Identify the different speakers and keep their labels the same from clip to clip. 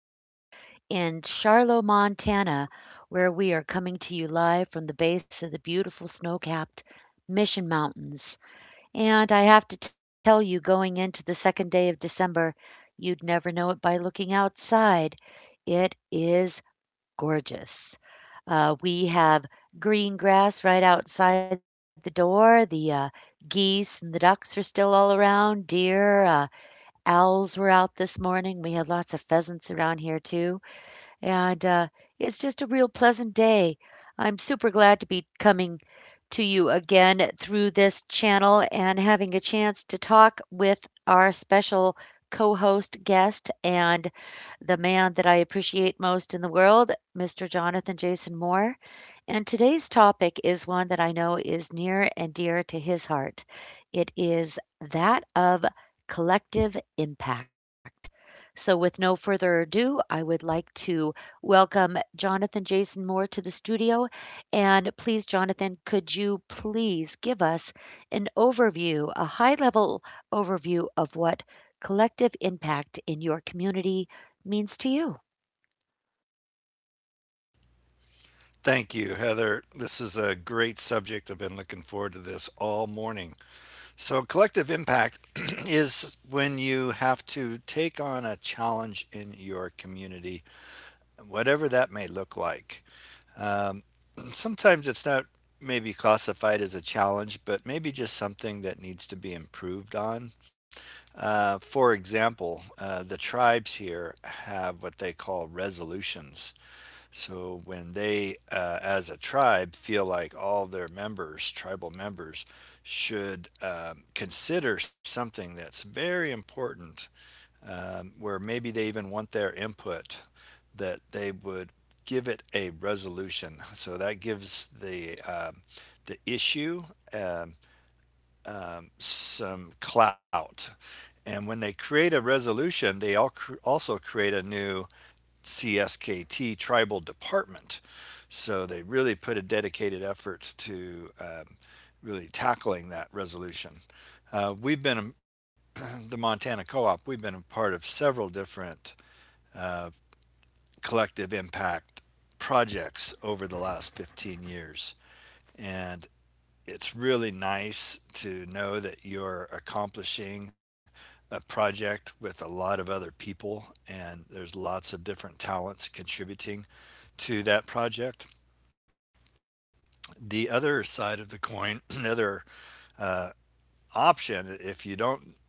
Speaker 1: here in Charlotte, Montana, where we are coming to you live from the base of the beautiful snow capped Mission Mountains. And I have to tell you, going into the second day of December, you'd never know it by looking outside. It is gorgeous. We have green grass right outside the door. The geese and the ducks are still all around, deer. Owls were out this morning. We had lots of pheasants around here, too, and it's just a real pleasant day. I'm super glad to be coming to you again through this channel and having a chance to talk with our special co host guest and the man that I appreciate most in the world, Mr. Jonathan Jason Moore. And today's topic is one that I know is near and dear to his heart. It is that of collective impact. So, with no further ado, I would like to welcome Jonathan Jason Moore to the studio. And please, Jonathan, could you please give us an overview, a high level overview of what collective impact in your community means to you?
Speaker 2: Thank you, Heather. This is a great subject. I've been looking forward to this all morning. So, collective impact is when you have to take on a challenge in your community, whatever that may look like. Um, sometimes it's not maybe classified as a challenge, but maybe just something that needs to be improved on. For example, the tribes here have what they call resolutions. So when they, as a tribe, feel like all their members, tribal members, should consider something that's very important, where maybe they even want their input, that they would give it a resolution. So that gives the the issue. Um, some clout. And when they create a resolution, they also create a new CSKT tribal department. So they really put a dedicated effort to really tackling that resolution. Uh, we've been, a- the Montana Co op, we've been a part of several different collective impact projects over the last 15 years. And it's really nice to know that you're accomplishing a project with a lot of other people and there's lots of different talents contributing to that project. The other side of the coin, another option, if you don't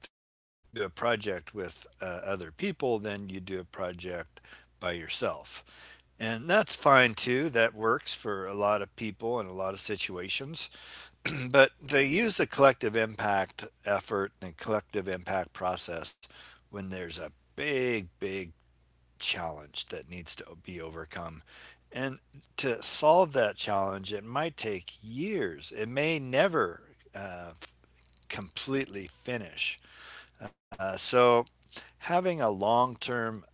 Speaker 2: do a project with other people, then you do a project by yourself. And that's fine too. That works for a lot of people in a lot of situations. But they use the collective impact effort and the collective impact process when there's a big, big challenge that needs to be overcome. And to solve that challenge, it might take years. It may never uh, completely finish. So, having a long term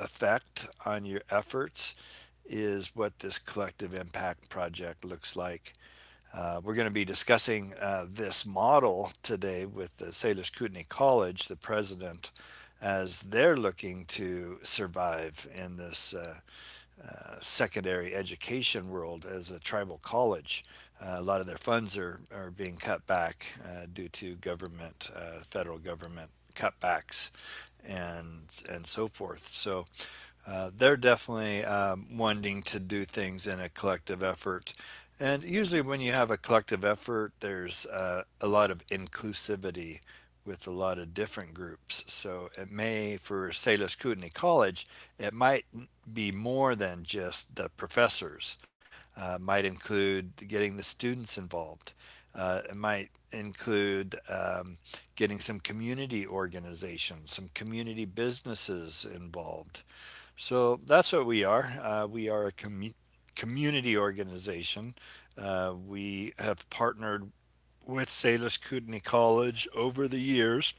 Speaker 2: effect on your efforts is what this collective impact project looks like. We're going to be discussing this model today with the Salish Kootenai College, the president, as they're looking to survive in this secondary education world as a tribal college. A lot of their funds are being cut back due to government, federal government cutbacks, and so forth. So they're definitely wanting to do things in a collective effort. And usually, when you have a collective effort, there's a lot of inclusivity with a lot of different groups. So, it may, for Salis Kootenai College, it might be more than just the professors, might include getting the students involved, it might include getting some community organizations, some community businesses involved, so that's what we are. Community organization. We have partnered with Salish Kootenai College over the years,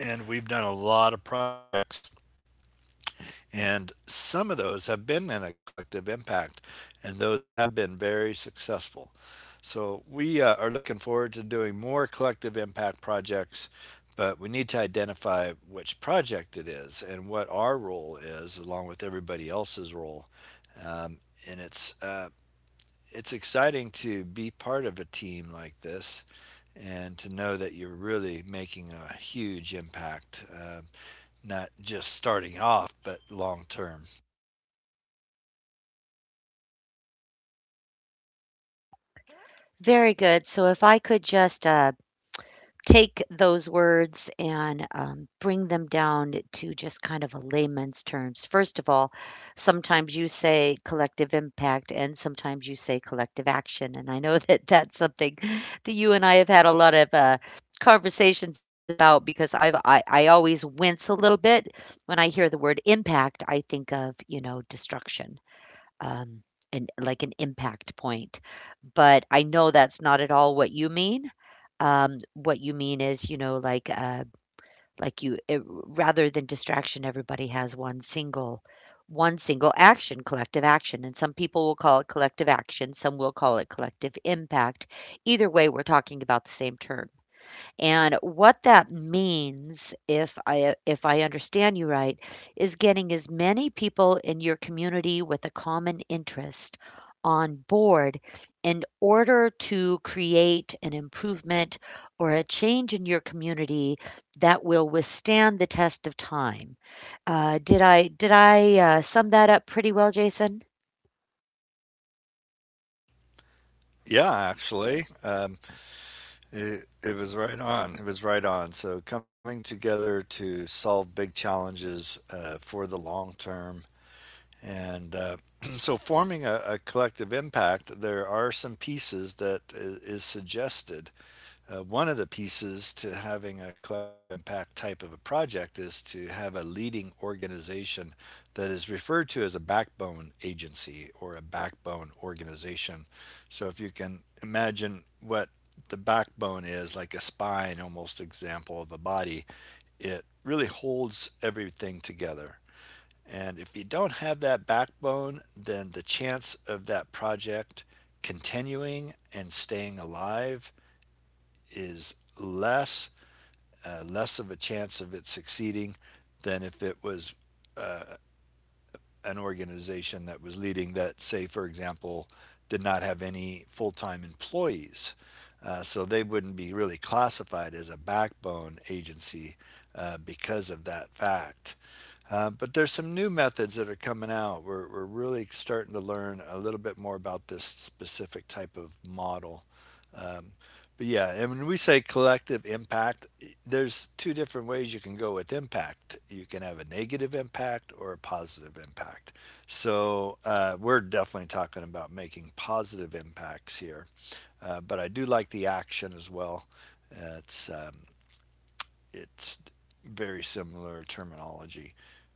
Speaker 2: and we've done a lot of projects, and some of those have been in a collective impact, and those have been very successful. So we are looking forward to doing more collective impact projects, but we need to identify which project it is and what our role is, along with everybody else's role. Um, and it's exciting to be part of a team like this and to know that you're really making a huge impact, not just starting off, but long term.
Speaker 1: Very good. So if I could just take those words and bring them down to just kind of a layman's terms. First of all, sometimes you say collective impact and sometimes you say collective action. And I know that that's something that you and I have had a lot of. Conversations about, because I always wince a little bit when I hear the word impact. I think of, destruction, um, and like an impact point. But I know that's not at all what you mean. What you mean is, rather than distraction, everybody has one single action, collective action, and some people will call it collective action, some will call it collective impact. Either way, we're talking about the same term. And what that means, if I understand you right, is getting as many people in your community with a common interest on board in order to create an improvement or a change in your community that will withstand the test of time. Did I sum that up pretty well, Jason?
Speaker 2: Yeah, actually, it was right on. It was right on. So, coming together to solve big challenges for the long term. And so, forming a collective impact, there are some pieces that is suggested. One of the pieces to having a collective impact type of a project is to have a leading organization that is referred to as a backbone agency or a backbone organization. So if you can imagine what the backbone is like a spine almost example of a body, it really holds everything together. And if you don't have that backbone, then the chance of that project continuing and staying alive is less, less of a chance of it succeeding than if it was an organization that was leading that, say, for example, did not have any full time employees. So they wouldn't be really classified as a backbone agency because of that fact. But there's some new methods that are coming out. We're really starting to learn a little bit more about this specific type of model. But yeah, and when we say collective impact, there's two different ways you can go with impact. You can have a negative impact or a positive impact. So we're definitely talking about making positive impacts here. But I do like the action as well. It's it's very similar terminology,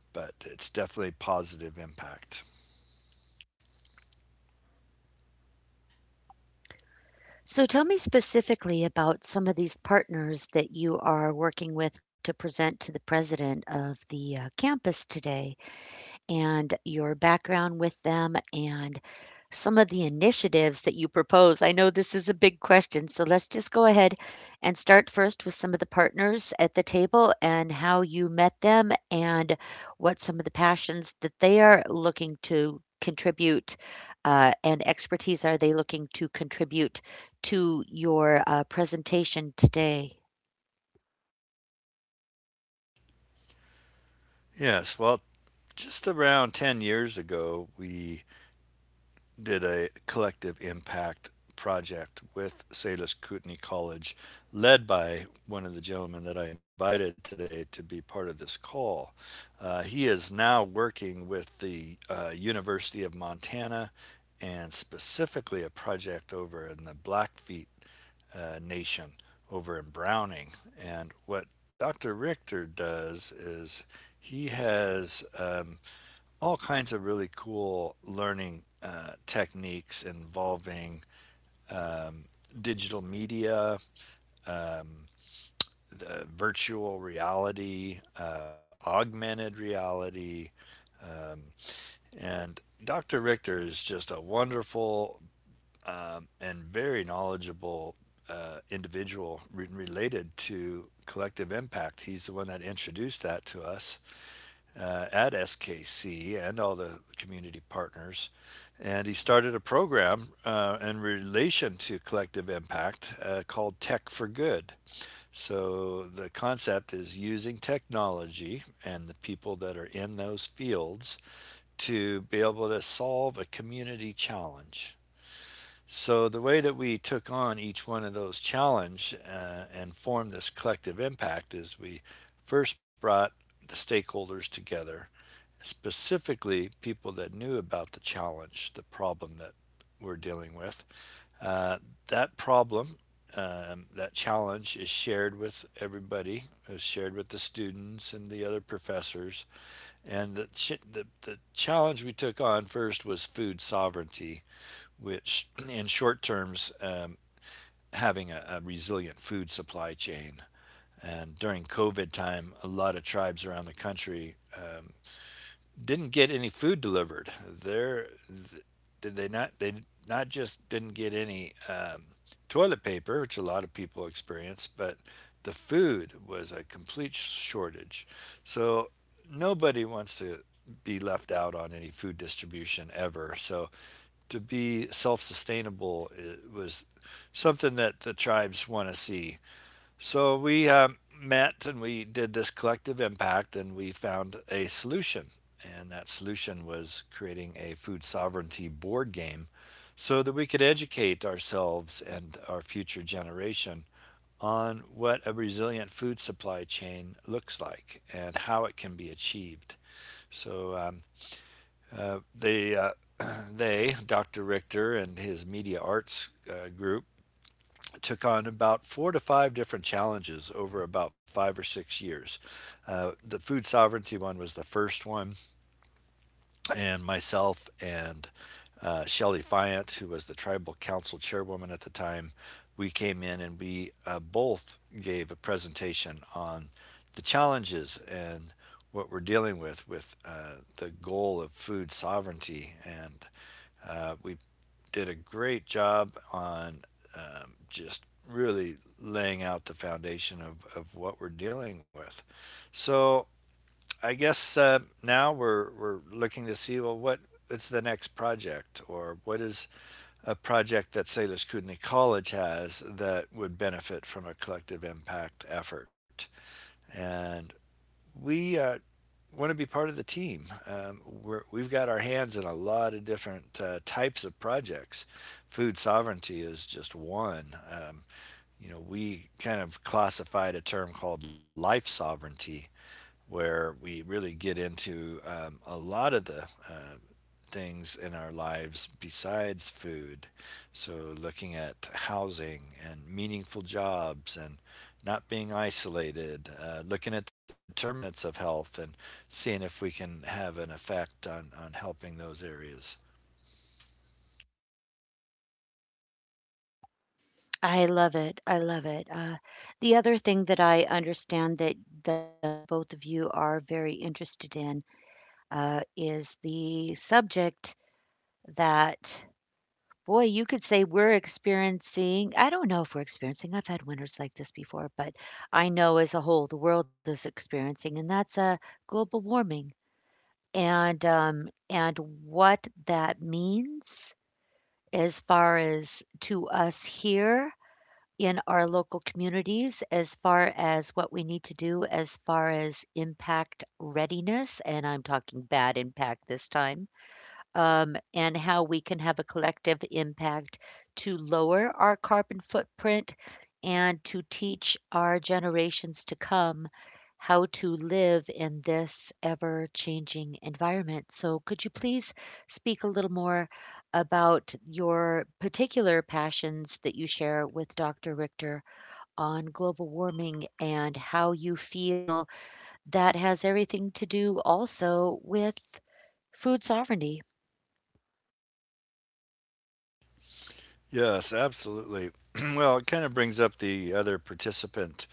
Speaker 2: but it's definitely positive impact.
Speaker 1: So tell me specifically about some of these partners that you are working with to present to the president of the campus today, and your background with them, and some of the initiatives that you propose. I know this is a big question, so let's just go ahead and start first with some of the partners at the table and how you met them and what some of the passions that they are looking to contribute and expertise are they looking to contribute to your presentation today?
Speaker 2: Yes, well, just around 10 years ago, we did a collective impact project with Salish Kootenai College, led by one of the gentlemen that I invited today to be part of this call. He is now working with the University of Montana and specifically a project over in the Blackfeet Nation over in Browning. And what Dr. Richter does is he has all kinds of really cool learning techniques involving um, digital media, um, the virtual reality, augmented reality. Um, and Dr. Richter is just a wonderful and very knowledgeable individual related to collective impact. He's the one that introduced that to us, at SKC and all the community partners. And he started a program in relation to collective impact called Tech for Good. So the concept is using technology and the people that are in those fields to be able to solve a community challenge. So the way that we took on each one of those challenge and formed this collective impact is we first brought the stakeholders together, specifically people that knew about the challenge, the problem that we're dealing with. Uh, that problem, that challenge is shared with everybody, is shared with the students and the other professors. And the challenge we took on first was food sovereignty, which in short terms, having a resilient food supply chain. And during COVID time, a lot of tribes around the country didn't get any food delivered. There, did they not? They not just didn't get any toilet paper, which a lot of people experience, but the food was a complete shortage. So nobody wants to be left out on any food distribution ever. So to be self-sustainable was something that the tribes want to see. So we met and we did this collective impact and we found a solution. And that solution was creating a food sovereignty board game so that we could educate ourselves and our future generation on what a resilient food supply chain looks like and how it can be achieved. So um, uh, they, uh, Dr. Richter and his media arts group, took on about four to five different challenges over about five or six years. The food sovereignty one was the first one, and myself and Shelly Fiant, who was the tribal council chairwoman at the time, we came in and we both gave a presentation on the challenges and what we're dealing with the goal of food sovereignty. And we did a great job on just really laying out the foundation of what we're dealing with. So I guess now we're looking to see, well, what it's the next project, or what is a project that Salish Kootenai College has that would benefit from a collective impact effort, and we want to be part of the team. We've got our hands in a lot of different types of projects. Food sovereignty is just one. You know, we kind of classified a term called life sovereignty, where we really get into a lot of the things in our lives besides food. So, looking at housing and meaningful jobs and not being isolated, looking at the determinants of health and seeing if we can have an effect on helping those areas.
Speaker 1: I love it, I love it. The other thing that I understand that the both of you are very interested in, is the subject that, boy, you could say we're experiencing. I don't know if we're experiencing. I've had winters like this before, but I know as a whole the world is experiencing, and that's global warming, and what that means as far as to us here in our local communities, as far as what we need to do as far as impact readiness, and I'm talking bad impact this time, and how we can have a collective impact to lower our carbon footprint and to teach our generations to come how to live in this ever changing environment. So, could you please speak a little more about your particular passions that you share with Dr. Richter on global warming, and how you feel that has everything to do also with food sovereignty?
Speaker 2: Yes, absolutely. Well, it kind of brings up the other participant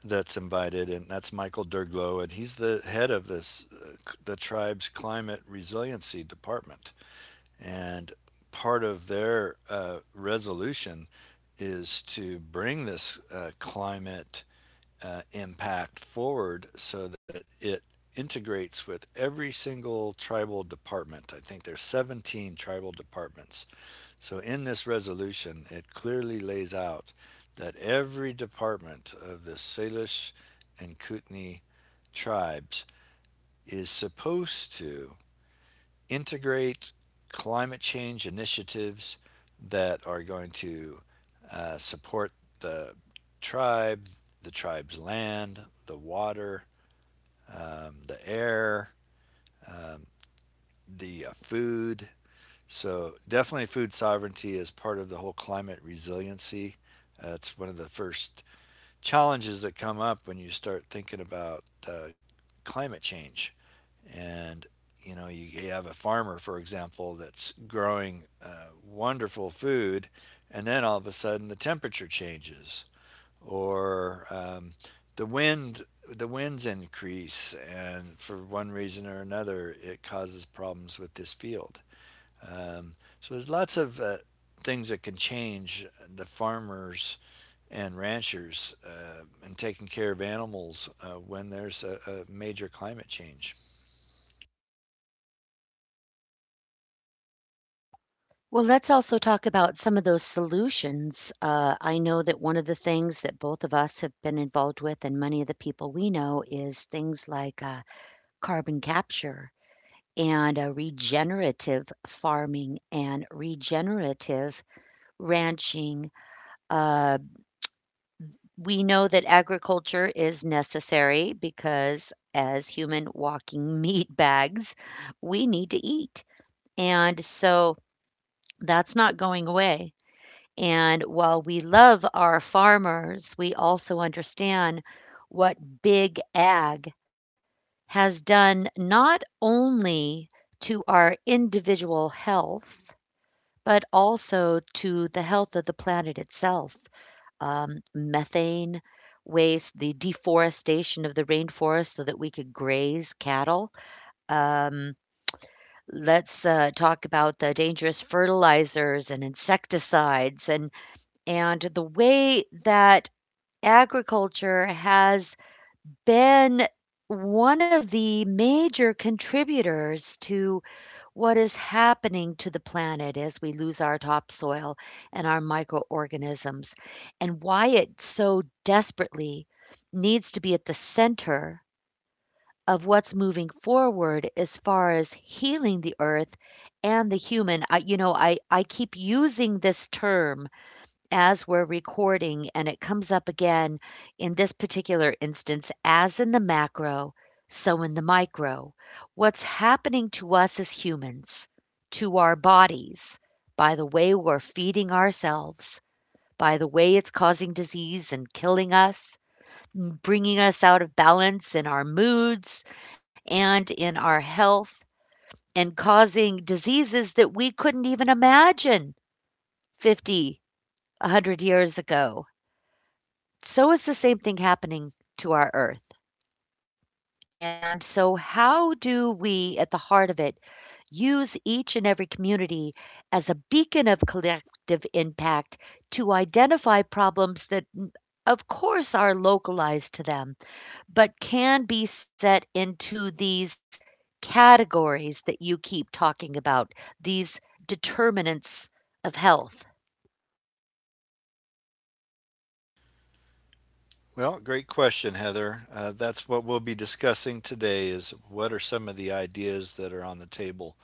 Speaker 2: that's invited, and that's Michael Derglow, and he's the head of this the tribe's climate resiliency department. And part of their resolution is to bring this climate impact forward so that it integrates with every single tribal department. I think there's 17 tribal departments. So in this resolution, it clearly lays out that every department of the Salish and Kootenai tribes is supposed to integrate climate change initiatives that are going to support the tribe, the tribe's land, the water, the air, the food. So, definitely, food sovereignty is part of the whole climate resiliency. It's one of the first challenges that come up when you start thinking about climate change. And, you know, you have a farmer, for example, that's growing wonderful food, and then all of a sudden the temperature changes, or the wind. The winds increase, and for one reason or another, it causes problems with this field. Um, so there's lots of things that can change the farmers and ranchers in taking care of animals when there's a major climate change.
Speaker 1: Well, let's also talk about some of those solutions. I know that one of the things that both of us have been involved with, and many of the people we know, is things like carbon capture and regenerative farming and regenerative ranching. Uh, we know that agriculture is necessary because, as human walking meat bags, we need to eat. And so that's not going away. And while we love our farmers, we also understand what big ag has done, not only to our individual health, but also to the health of the planet itself. Methane waste, the deforestation of the rainforest so that we could graze cattle. Um, let's talk about the dangerous fertilizers and insecticides, and the way that agriculture has been one of the major contributors to what is happening to the planet as we lose our topsoil and our microorganisms, and why it so desperately needs to be at the center of what's moving forward as far as healing the earth and the human. I, you know, I keep using this term as we're recording, and it comes up again in this particular instance: as in the macro, so in the micro. What's happening to us as humans, to our bodies, by the way we're feeding ourselves, by the way it's causing disease and killing us, bringing us out of balance in our moods and in our health, and causing diseases that we couldn't even imagine 50, 100 years ago. So is the same thing happening to our earth. And so, how do we, at the heart of it, use each and every community as a beacon of collective impact to identify problems that, of course, are localized to them, but can be set into these categories that you keep talking about, these determinants of health?
Speaker 2: Well, great question, Heather. That's what we'll be discussing today is what are some of the ideas that are on the table.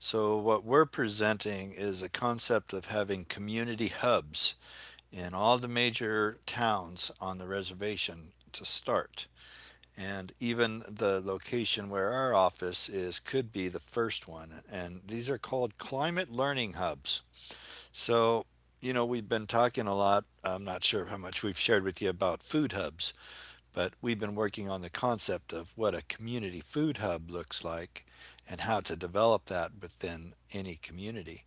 Speaker 2: So what we're presenting is a concept of having community hubs in all the major towns on the reservation to start. And even the location where our office is could be the first one. And these are called climate learning hubs. So, you know, we've been talking a lot. I'm not sure how much we've shared with you about food hubs, but we've been working on the concept of what a community food hub looks like and how to develop that within any community.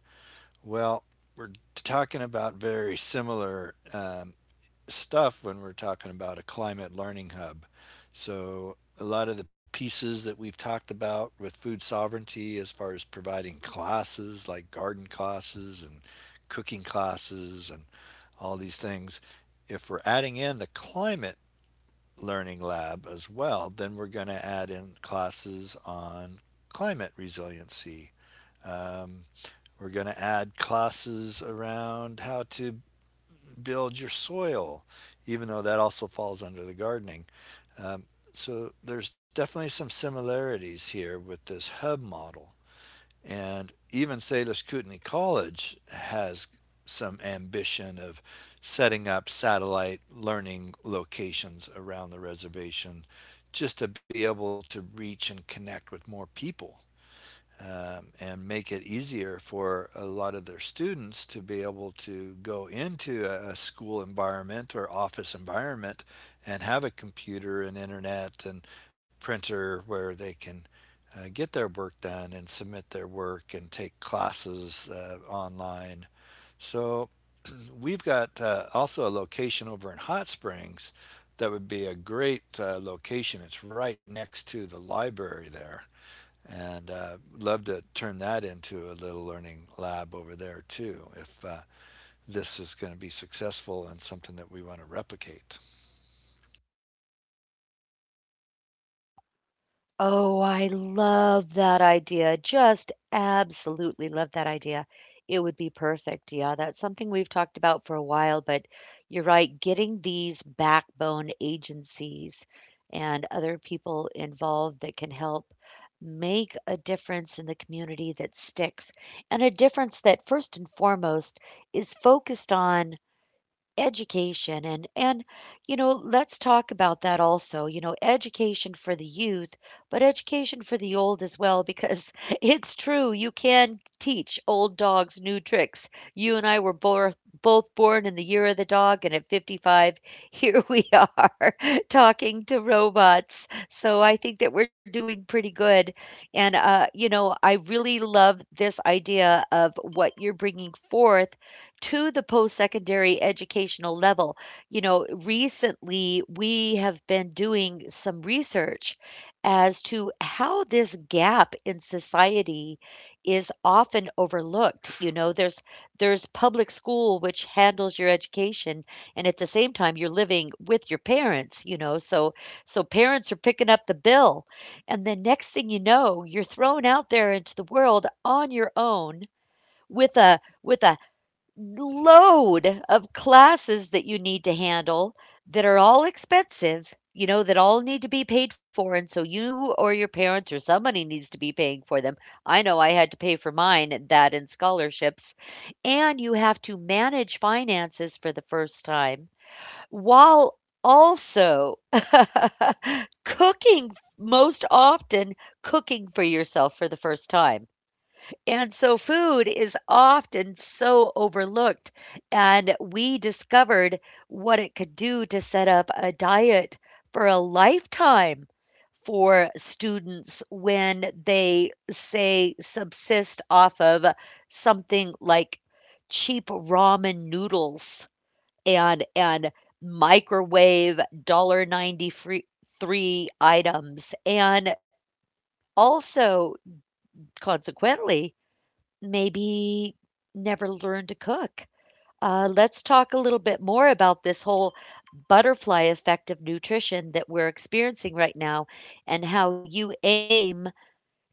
Speaker 2: Well, we're talking about very similar stuff when we're talking about a climate learning hub. So, a lot of the pieces that we've talked about with food sovereignty, as far as providing classes like garden classes and cooking classes and all these things, if we're adding in the climate learning lab as well, then we're going to add in classes on climate resiliency. Um, we're going to add classes around how to build your soil, even though that also falls under the gardening. Um, so there's definitely some similarities here with this hub model. And even Salish Kootenai College has some ambition of setting up satellite learning locations around the reservation just to be able to reach and connect with more people and make it easier for a lot of their students to be able to go into a, school environment or office environment and have a computer and internet and printer where they can get their work done and submit their work and take classes online. So we've got also a location over in Hot Springs that would be a great location. It's right next to the library there and love to turn that into a little learning lab over there too if this is going to be successful and something that we want to replicate.
Speaker 1: Oh, I love that idea. Just absolutely love that idea. It would be perfect. Yeah, that's something we've talked about for a while, but you're right. Getting these backbone agencies and other people involved that can help make a difference in the community that sticks, and a difference that, first and foremost, is focused on education and, let's talk about that also. Education for the youth, but education for the old as well, because it's true, you can teach old dogs new tricks. You and I were both born in the year of the dog, and at 55 here we are talking to robots. So I think that we're doing pretty good. And I really love this idea of what you're bringing forth to the post-secondary educational level. Recently we have been doing some research as to how this gap in society is often overlooked. There's public school which handles your education, and at the same time you're living with your parents. So parents are picking up the bill, and the next thing you know, you're thrown out there into the world on your own with a load of classes that you need to handle that are all expensive, that all need to be paid for. And so you or your parents or somebody needs to be paying for them. I know I had to pay for mine, that and scholarships. And you have to manage finances for the first time while also cooking, most often cooking for yourself for the first time, and so food is often so overlooked. And we discovered what it could do to set up a diet for a lifetime for students when they say subsist off of something like cheap ramen noodles and microwave dollar 93 items, and also, consequently, maybe never learned to cook. Let's talk a little bit more about this whole butterfly effect of nutrition that we're experiencing right now, and how you aim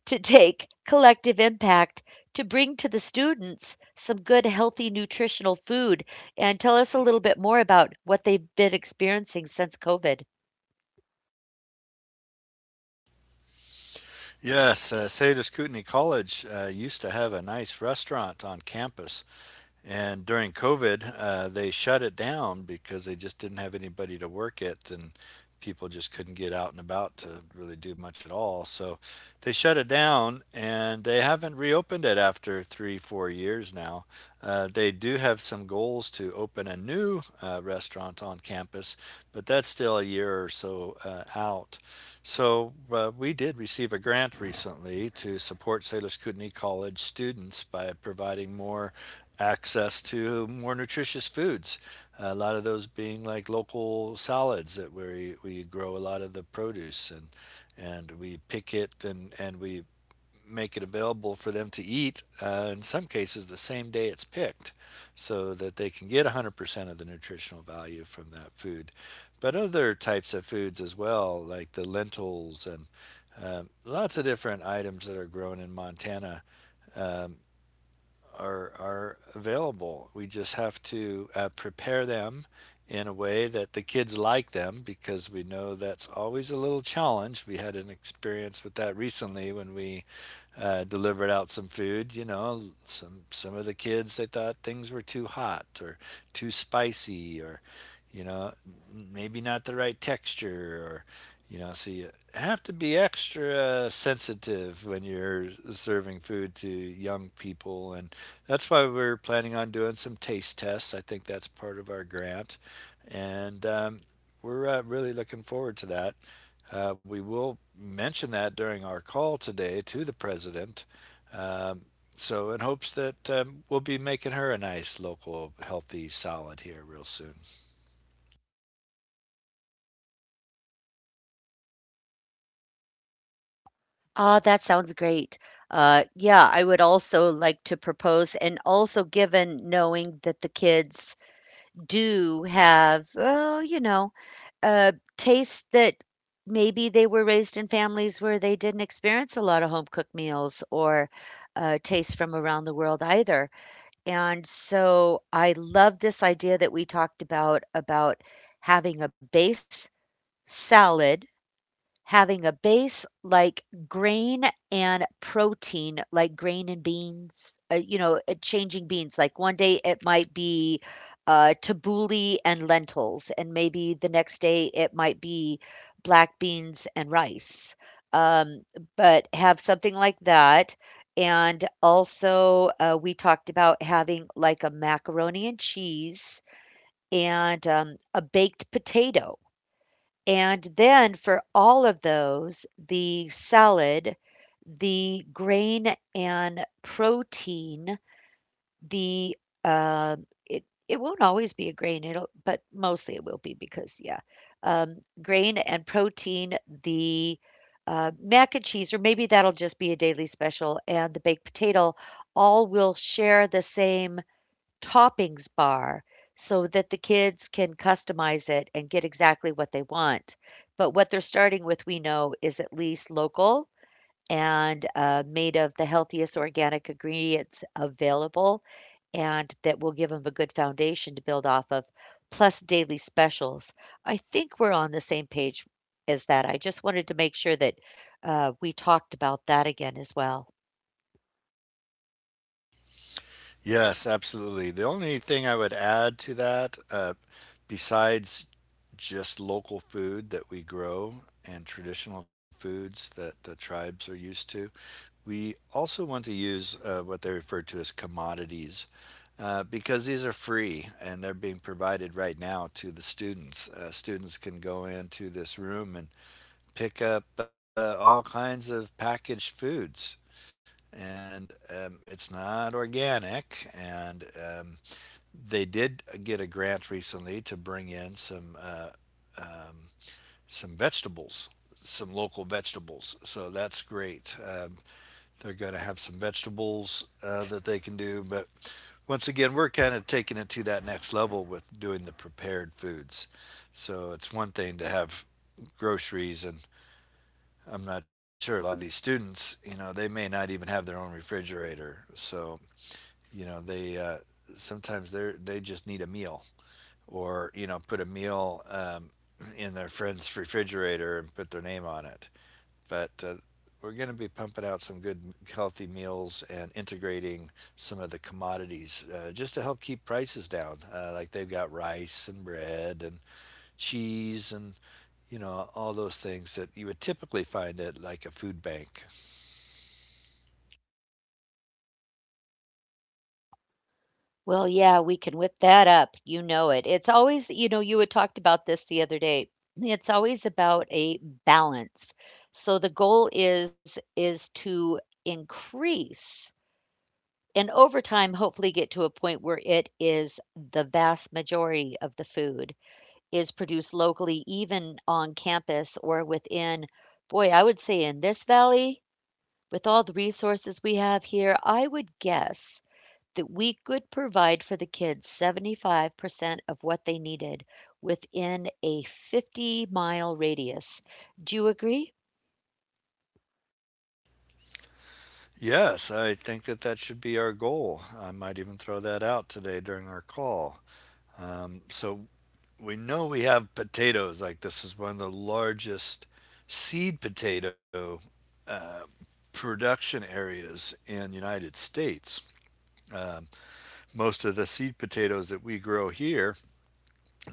Speaker 1: to take collective impact to bring to the students some good, healthy, nutritional food. And tell us a little bit more about what they've been experiencing since COVID.
Speaker 2: Yes, cedar scootney college used to have a nice restaurant on campus. And during COVID, they shut it down because they just didn't have anybody to work it, and people just couldn't get out and about to really do much at all. So they shut it down, and they haven't reopened it after three, 4 years now. They do have some goals to open a new restaurant on campus, but that's still a year or so out. So we did receive a grant recently to support Salish Kootenai College students by providing more access to more nutritious foods. A lot of those being like local salads that where we grow a lot of the produce and we pick it, and we make it available for them to eat, in some cases, the same day it's picked, so that they can get 100% of the nutritional value from that food. But other types of foods as well, like the lentils and lots of different items that are grown in Montana are available. We just have to prepare them in a way that the kids like them because we know that's always a little challenge. We had an experience with that recently when we delivered out some food. You know, some of the kids, they thought things were too hot or too spicy or, you know, maybe not the right texture or, you know, so you have to be extra sensitive when you're serving food to young people. And that's why we're planning on doing some taste tests. I think that's part of our grant. And we're really looking forward to that. We will mention that during our call today to the president, um, so in hopes that we'll be making her a nice local healthy salad here real soon.
Speaker 1: Ah, that sounds great. Yeah, I would also like to propose, and also, given knowing that the kids do have, oh, uh, tastes that maybe they were raised in families where they didn't experience a lot of home cooked meals, or tastes from around the world either. And so I love this idea that we talked about having a base salad, having a base like grain and protein, like grain and beans, changing beans. Like one day it might be tabbouleh and lentils, and maybe the next day it might be black beans and rice. Um, but have something like that. And also, we talked about having like a macaroni and cheese and a baked potato, and then for all of those, the salad, the grain and protein, the, uh, it won't always be a grain, it'll but mostly it will be because yeah, grain and protein, the, mac and cheese, or maybe that'll just be a daily special, and the baked potato all will share the same toppings bar so that the kids can customize it and get exactly what they want. But what they're starting with, we know, is at least local and made of the healthiest organic ingredients available, and that will give them a good foundation to build off of, plus daily specials. I think we're on the same page as that. I just wanted to make sure that we talked about that again as well.
Speaker 2: Yes, absolutely. The only thing I would add to that, besides just local food that we grow and traditional foods that the tribes are used to, we also want to use what they refer to as commodities because these are free and they're being provided right now to the students. Students can go into this room and pick up all kinds of packaged foods and it's not organic. And they did get a grant recently to bring in some vegetables, some local vegetables. So that's great. They're going to have some vegetables that they can do. But once again, we're kind of taking it to that next level with doing the prepared foods. So it's one thing to have groceries and I'm not sure a lot of these students, you know, they may not even have their own refrigerator. So, you know, they sometimes they just need a meal or, you know, put a meal in their friend's refrigerator and put their name on it. But we're going to be pumping out some good healthy meals and integrating some of the commodities just to help keep prices down. Like they've got rice and bread and cheese and, you know, all those things that you would typically find at like a food bank.
Speaker 1: Well, yeah, we can whip that up. You know it. It's always, you know, you had talked about this the other day. It's always about a balance. So the goal is to increase and over time hopefully get to a point where it is the vast majority of the food is produced locally, even on campus or within, boy, I would say in this valley with all the resources we have here, I would guess that we could provide for the kids 75% of what they needed within a 50-mile radius. Do you agree?
Speaker 2: Yes, I think that that should be our goal. I might even throw that out today during our call. So we know we have potatoes. Like this is one of the largest seed potato uh, production areas in United States. Um, most of the seed potatoes that we grow here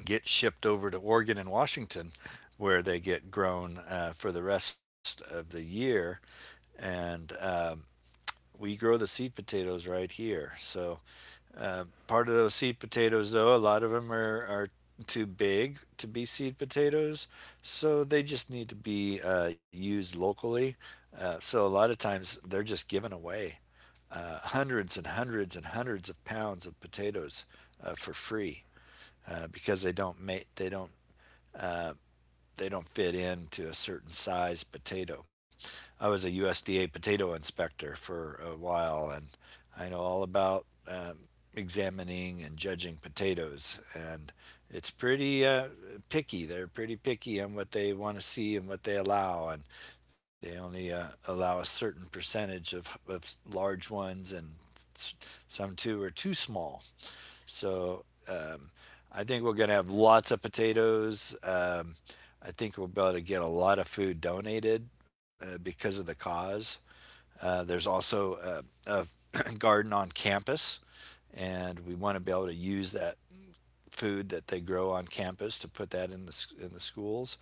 Speaker 2: get shipped over to Oregon and Washington, where they get grown for the rest of the year. And we grow the seed potatoes right here. So, part of those seed potatoes, though, a lot of them are too big to be seed potatoes, so they just need to be used locally. So a lot of times they're just given away, hundreds and hundreds and hundreds of pounds of potatoes for free, because they don't uh, they don't fit into a certain size potato. I was a USDA potato inspector for a while, and I know all about examining and judging potatoes. And it's pretty picky. They're pretty picky on what they want to see and what they allow, and they only allow a certain percentage of large ones, and some too are too small. So I think we're going to have lots of potatoes. I think we'll be able to get a lot of food donated because of the cause. There's also a garden on campus, and we want to be able to use that food that they grow on campus to put that in the schools.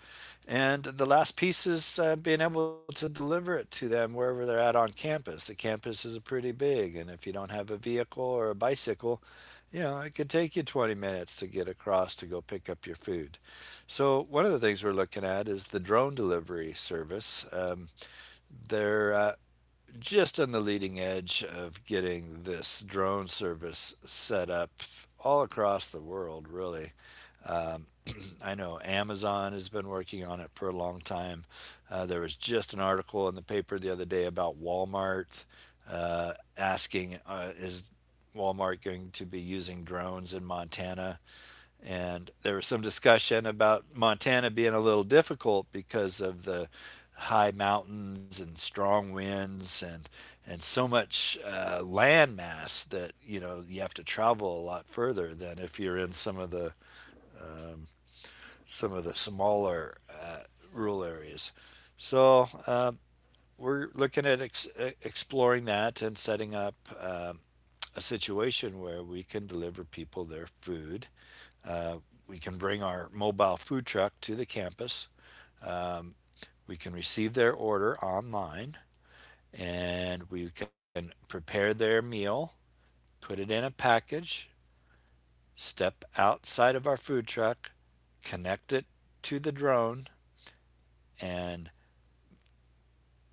Speaker 2: And the last piece is being able to deliver it to them wherever they're at on campus. The campus is pretty big, and if you don't have a vehicle or a bicycle, you know, it could take you 20 minutes to get across to go pick up your food. So, one of the things we're looking at is the drone delivery service. They're just on the leading edge of getting this drone service set up all across the world, really. I know Amazon has been working on it for a long time. There was just an article in the paper the other day about Walmart asking, is Walmart going to be using drones in Montana? And there was some discussion about Montana being a little difficult because of the high mountains and strong winds and so much land mass that, you know, you have to travel a lot further than if you're in some of the smaller rural areas. So we're looking at exploring that and setting up a situation where we can deliver people their food. Uh, we can bring our mobile food truck to the campus. We can receive their order online and we can prepare their meal, put it in a package, step outside of our food truck, connect it to the drone, and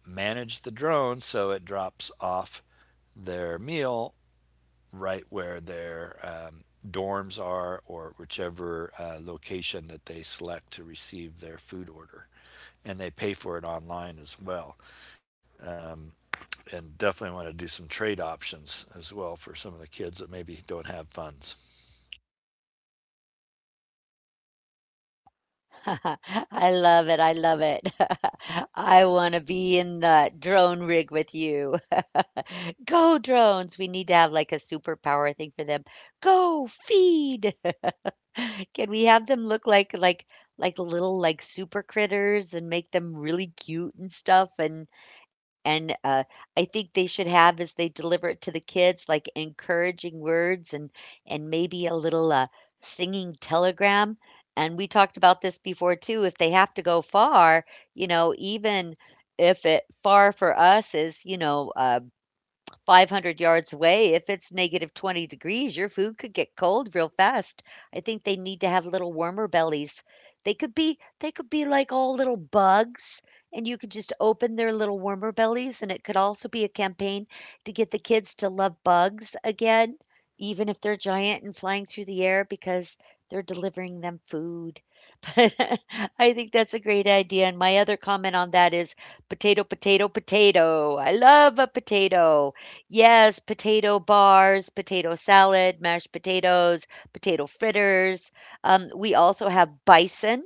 Speaker 2: manage the drone so it drops off their meal right where their dorms are or whichever location that they select to receive their food order. And they pay for it online as well. Um, and definitely want to do some trade options as well for some of the kids that maybe don't have funds.
Speaker 1: I love it. I love it. I want to be in the drone rig with you. Go, drones. We need to have like a superpower thing for them. Go, feed. Can we have them look like little like super critters and make them really cute and stuff, and I think they should have, as they deliver it to the kids, like encouraging words and maybe a little singing telegram. And we talked about this before too. If they have to go far, you know, even if it far for us is, you know, 500 yards away, if it's negative 20 degrees, your food could get cold real fast. I think they need to have little warmer bellies. They could be like all little bugs, and you could just open their little warmer bellies, and it could also be a campaign to get the kids to love bugs again, even if they're giant and flying through the air because they're delivering them food. But I think that's a great idea, and my other comment on that is potato, potato, potato. I love a potato. Yes, potato bars, potato salad, mashed potatoes, potato fritters. We also have bison.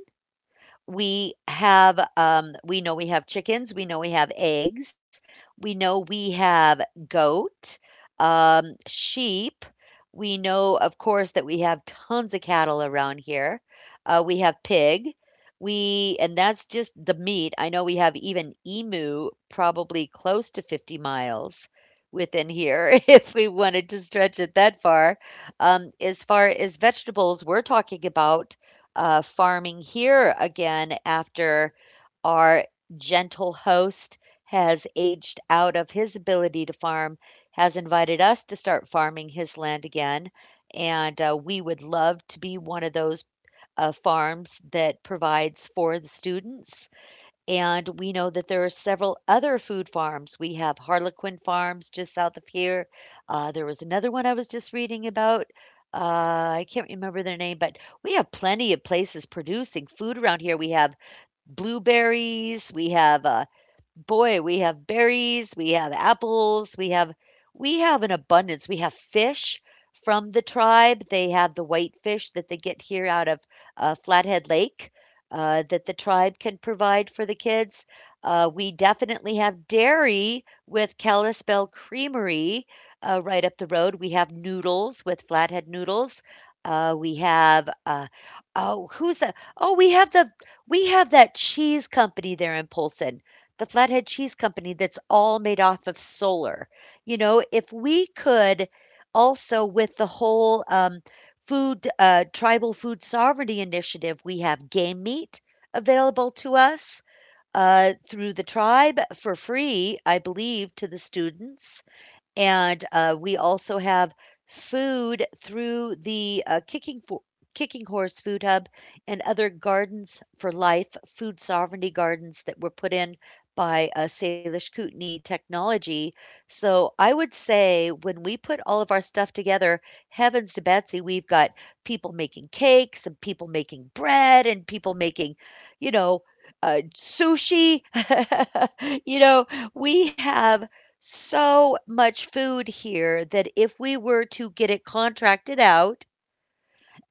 Speaker 1: We have, we know we have chickens. We know we have eggs. We know we have goat, sheep. We know, of course, that we have tons of cattle around here. We have pig. We, and that's just the meat. I know we have even emu, probably close to 50 miles within here, if we wanted to stretch it that far. As far as vegetables, we're talking about farming here again after our gentle host has aged out of his ability to farm, has invited us to start farming his land again. And we would love to be one of those farms that provides for the students, and we know that there are several other food farms. We have Harlequin Farms just south of here. There was another one I was just reading about. I can't remember their name, but we have plenty of places producing food around here. We have blueberries. We have boy, we have berries, we have apples, we have an abundance. We have fish from the tribe. They have the white fish that they get here out of Flathead Lake that the tribe can provide for the kids. We definitely have dairy with Kalispell Creamery right up the road. We have noodles with Flathead Noodles. We have oh, who's that? Oh, we have the we have that cheese company there in Polson, the Flathead Cheese Company, that's all made off of solar. You know, if we could also, with the whole food, tribal food sovereignty initiative, we have game meat available to us through the tribe for free, I believe, to the students. And we also have food through the Kicking Horse Food Hub and other Gardens for Life food sovereignty gardens that were put in by Salish Kootenai Technology. So I would say when we put all of our stuff together, heavens to Betsy, we've got people making cakes and people making bread and people making, you know, sushi. You know, we have so much food here that if we were to get it contracted out,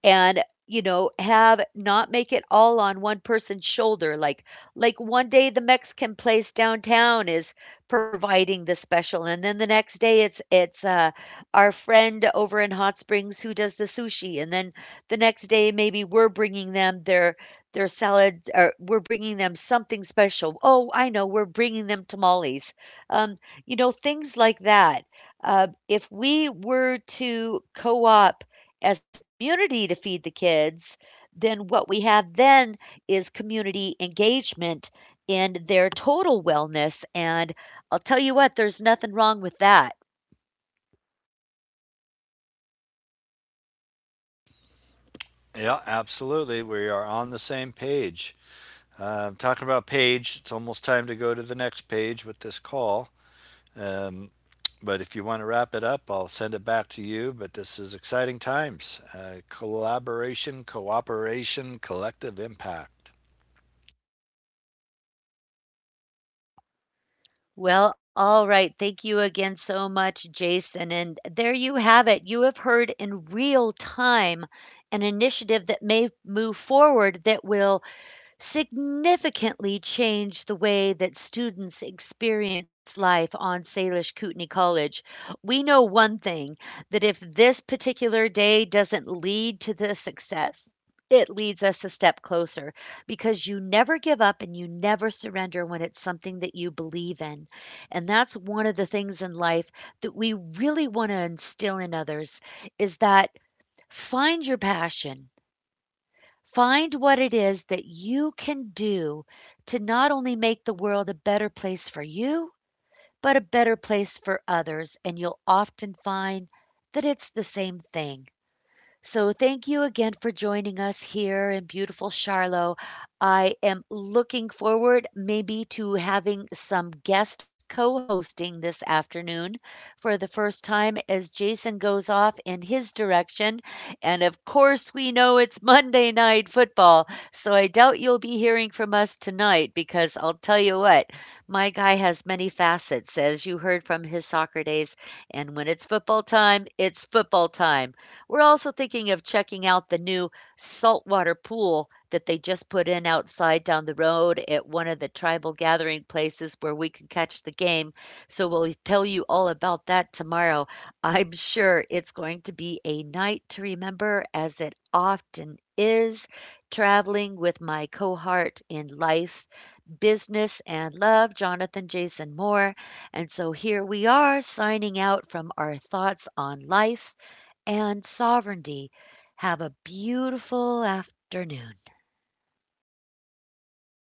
Speaker 1: and, you know, have not make it all on one person's shoulder, like one day the Mexican place downtown is providing the special, and then the next day it's it's our friend over in Hot Springs who does the sushi, and then the next day maybe we're bringing them their salad, or we're bringing them something special. Oh, I know, we're bringing them tamales. um, you know, things like that. Uh, if we were to co-op as a community to feed the kids, then what we have then is community engagement in their total wellness. And I'll tell you what, there's nothing wrong with that.
Speaker 2: Yeah, absolutely. We are on the same page. Talking about page, it's almost time to go to the next page with this call. Um, but if you want to wrap it up, I'll send it back to you. But this is exciting times, collaboration, cooperation, collective impact.
Speaker 1: Well, all right. Thank you again so much, Jason. And there you have it. You have heard in real time an initiative that may move forward that will significantly changed the way that students experience life on Salish Kootenai College. We know one thing, that if this particular day doesn't lead to the success, it leads us a step closer, because you never give up and you never surrender when it's something that you believe in. And that's one of the things in life that we really want to instill in others, is that find your passion. Find what it is that you can do to not only make the world a better place for you, but a better place for others, and you'll often find that it's the same thing. So thank you again for joining us here in beautiful Charlotte. I am looking forward maybe to having some guest co-hosting this afternoon for the first time as Jason goes off in his direction. And of course, we know it's Monday night football, so I doubt you'll be hearing from us tonight, because I'll tell you what, my guy has many facets, as you heard from his soccer days, and when it's football time, it's football time. We're also thinking of checking out the new saltwater pool that they just put in outside down the road at one of the tribal gathering places where we can catch the game. So we'll tell you all about that tomorrow. I'm sure it's going to be a night to remember, as it often is, traveling with my cohort in life, business, and love, Jonathan Jason Moore. And so here we are signing out from our thoughts on life and sovereignty. Have a beautiful afternoon.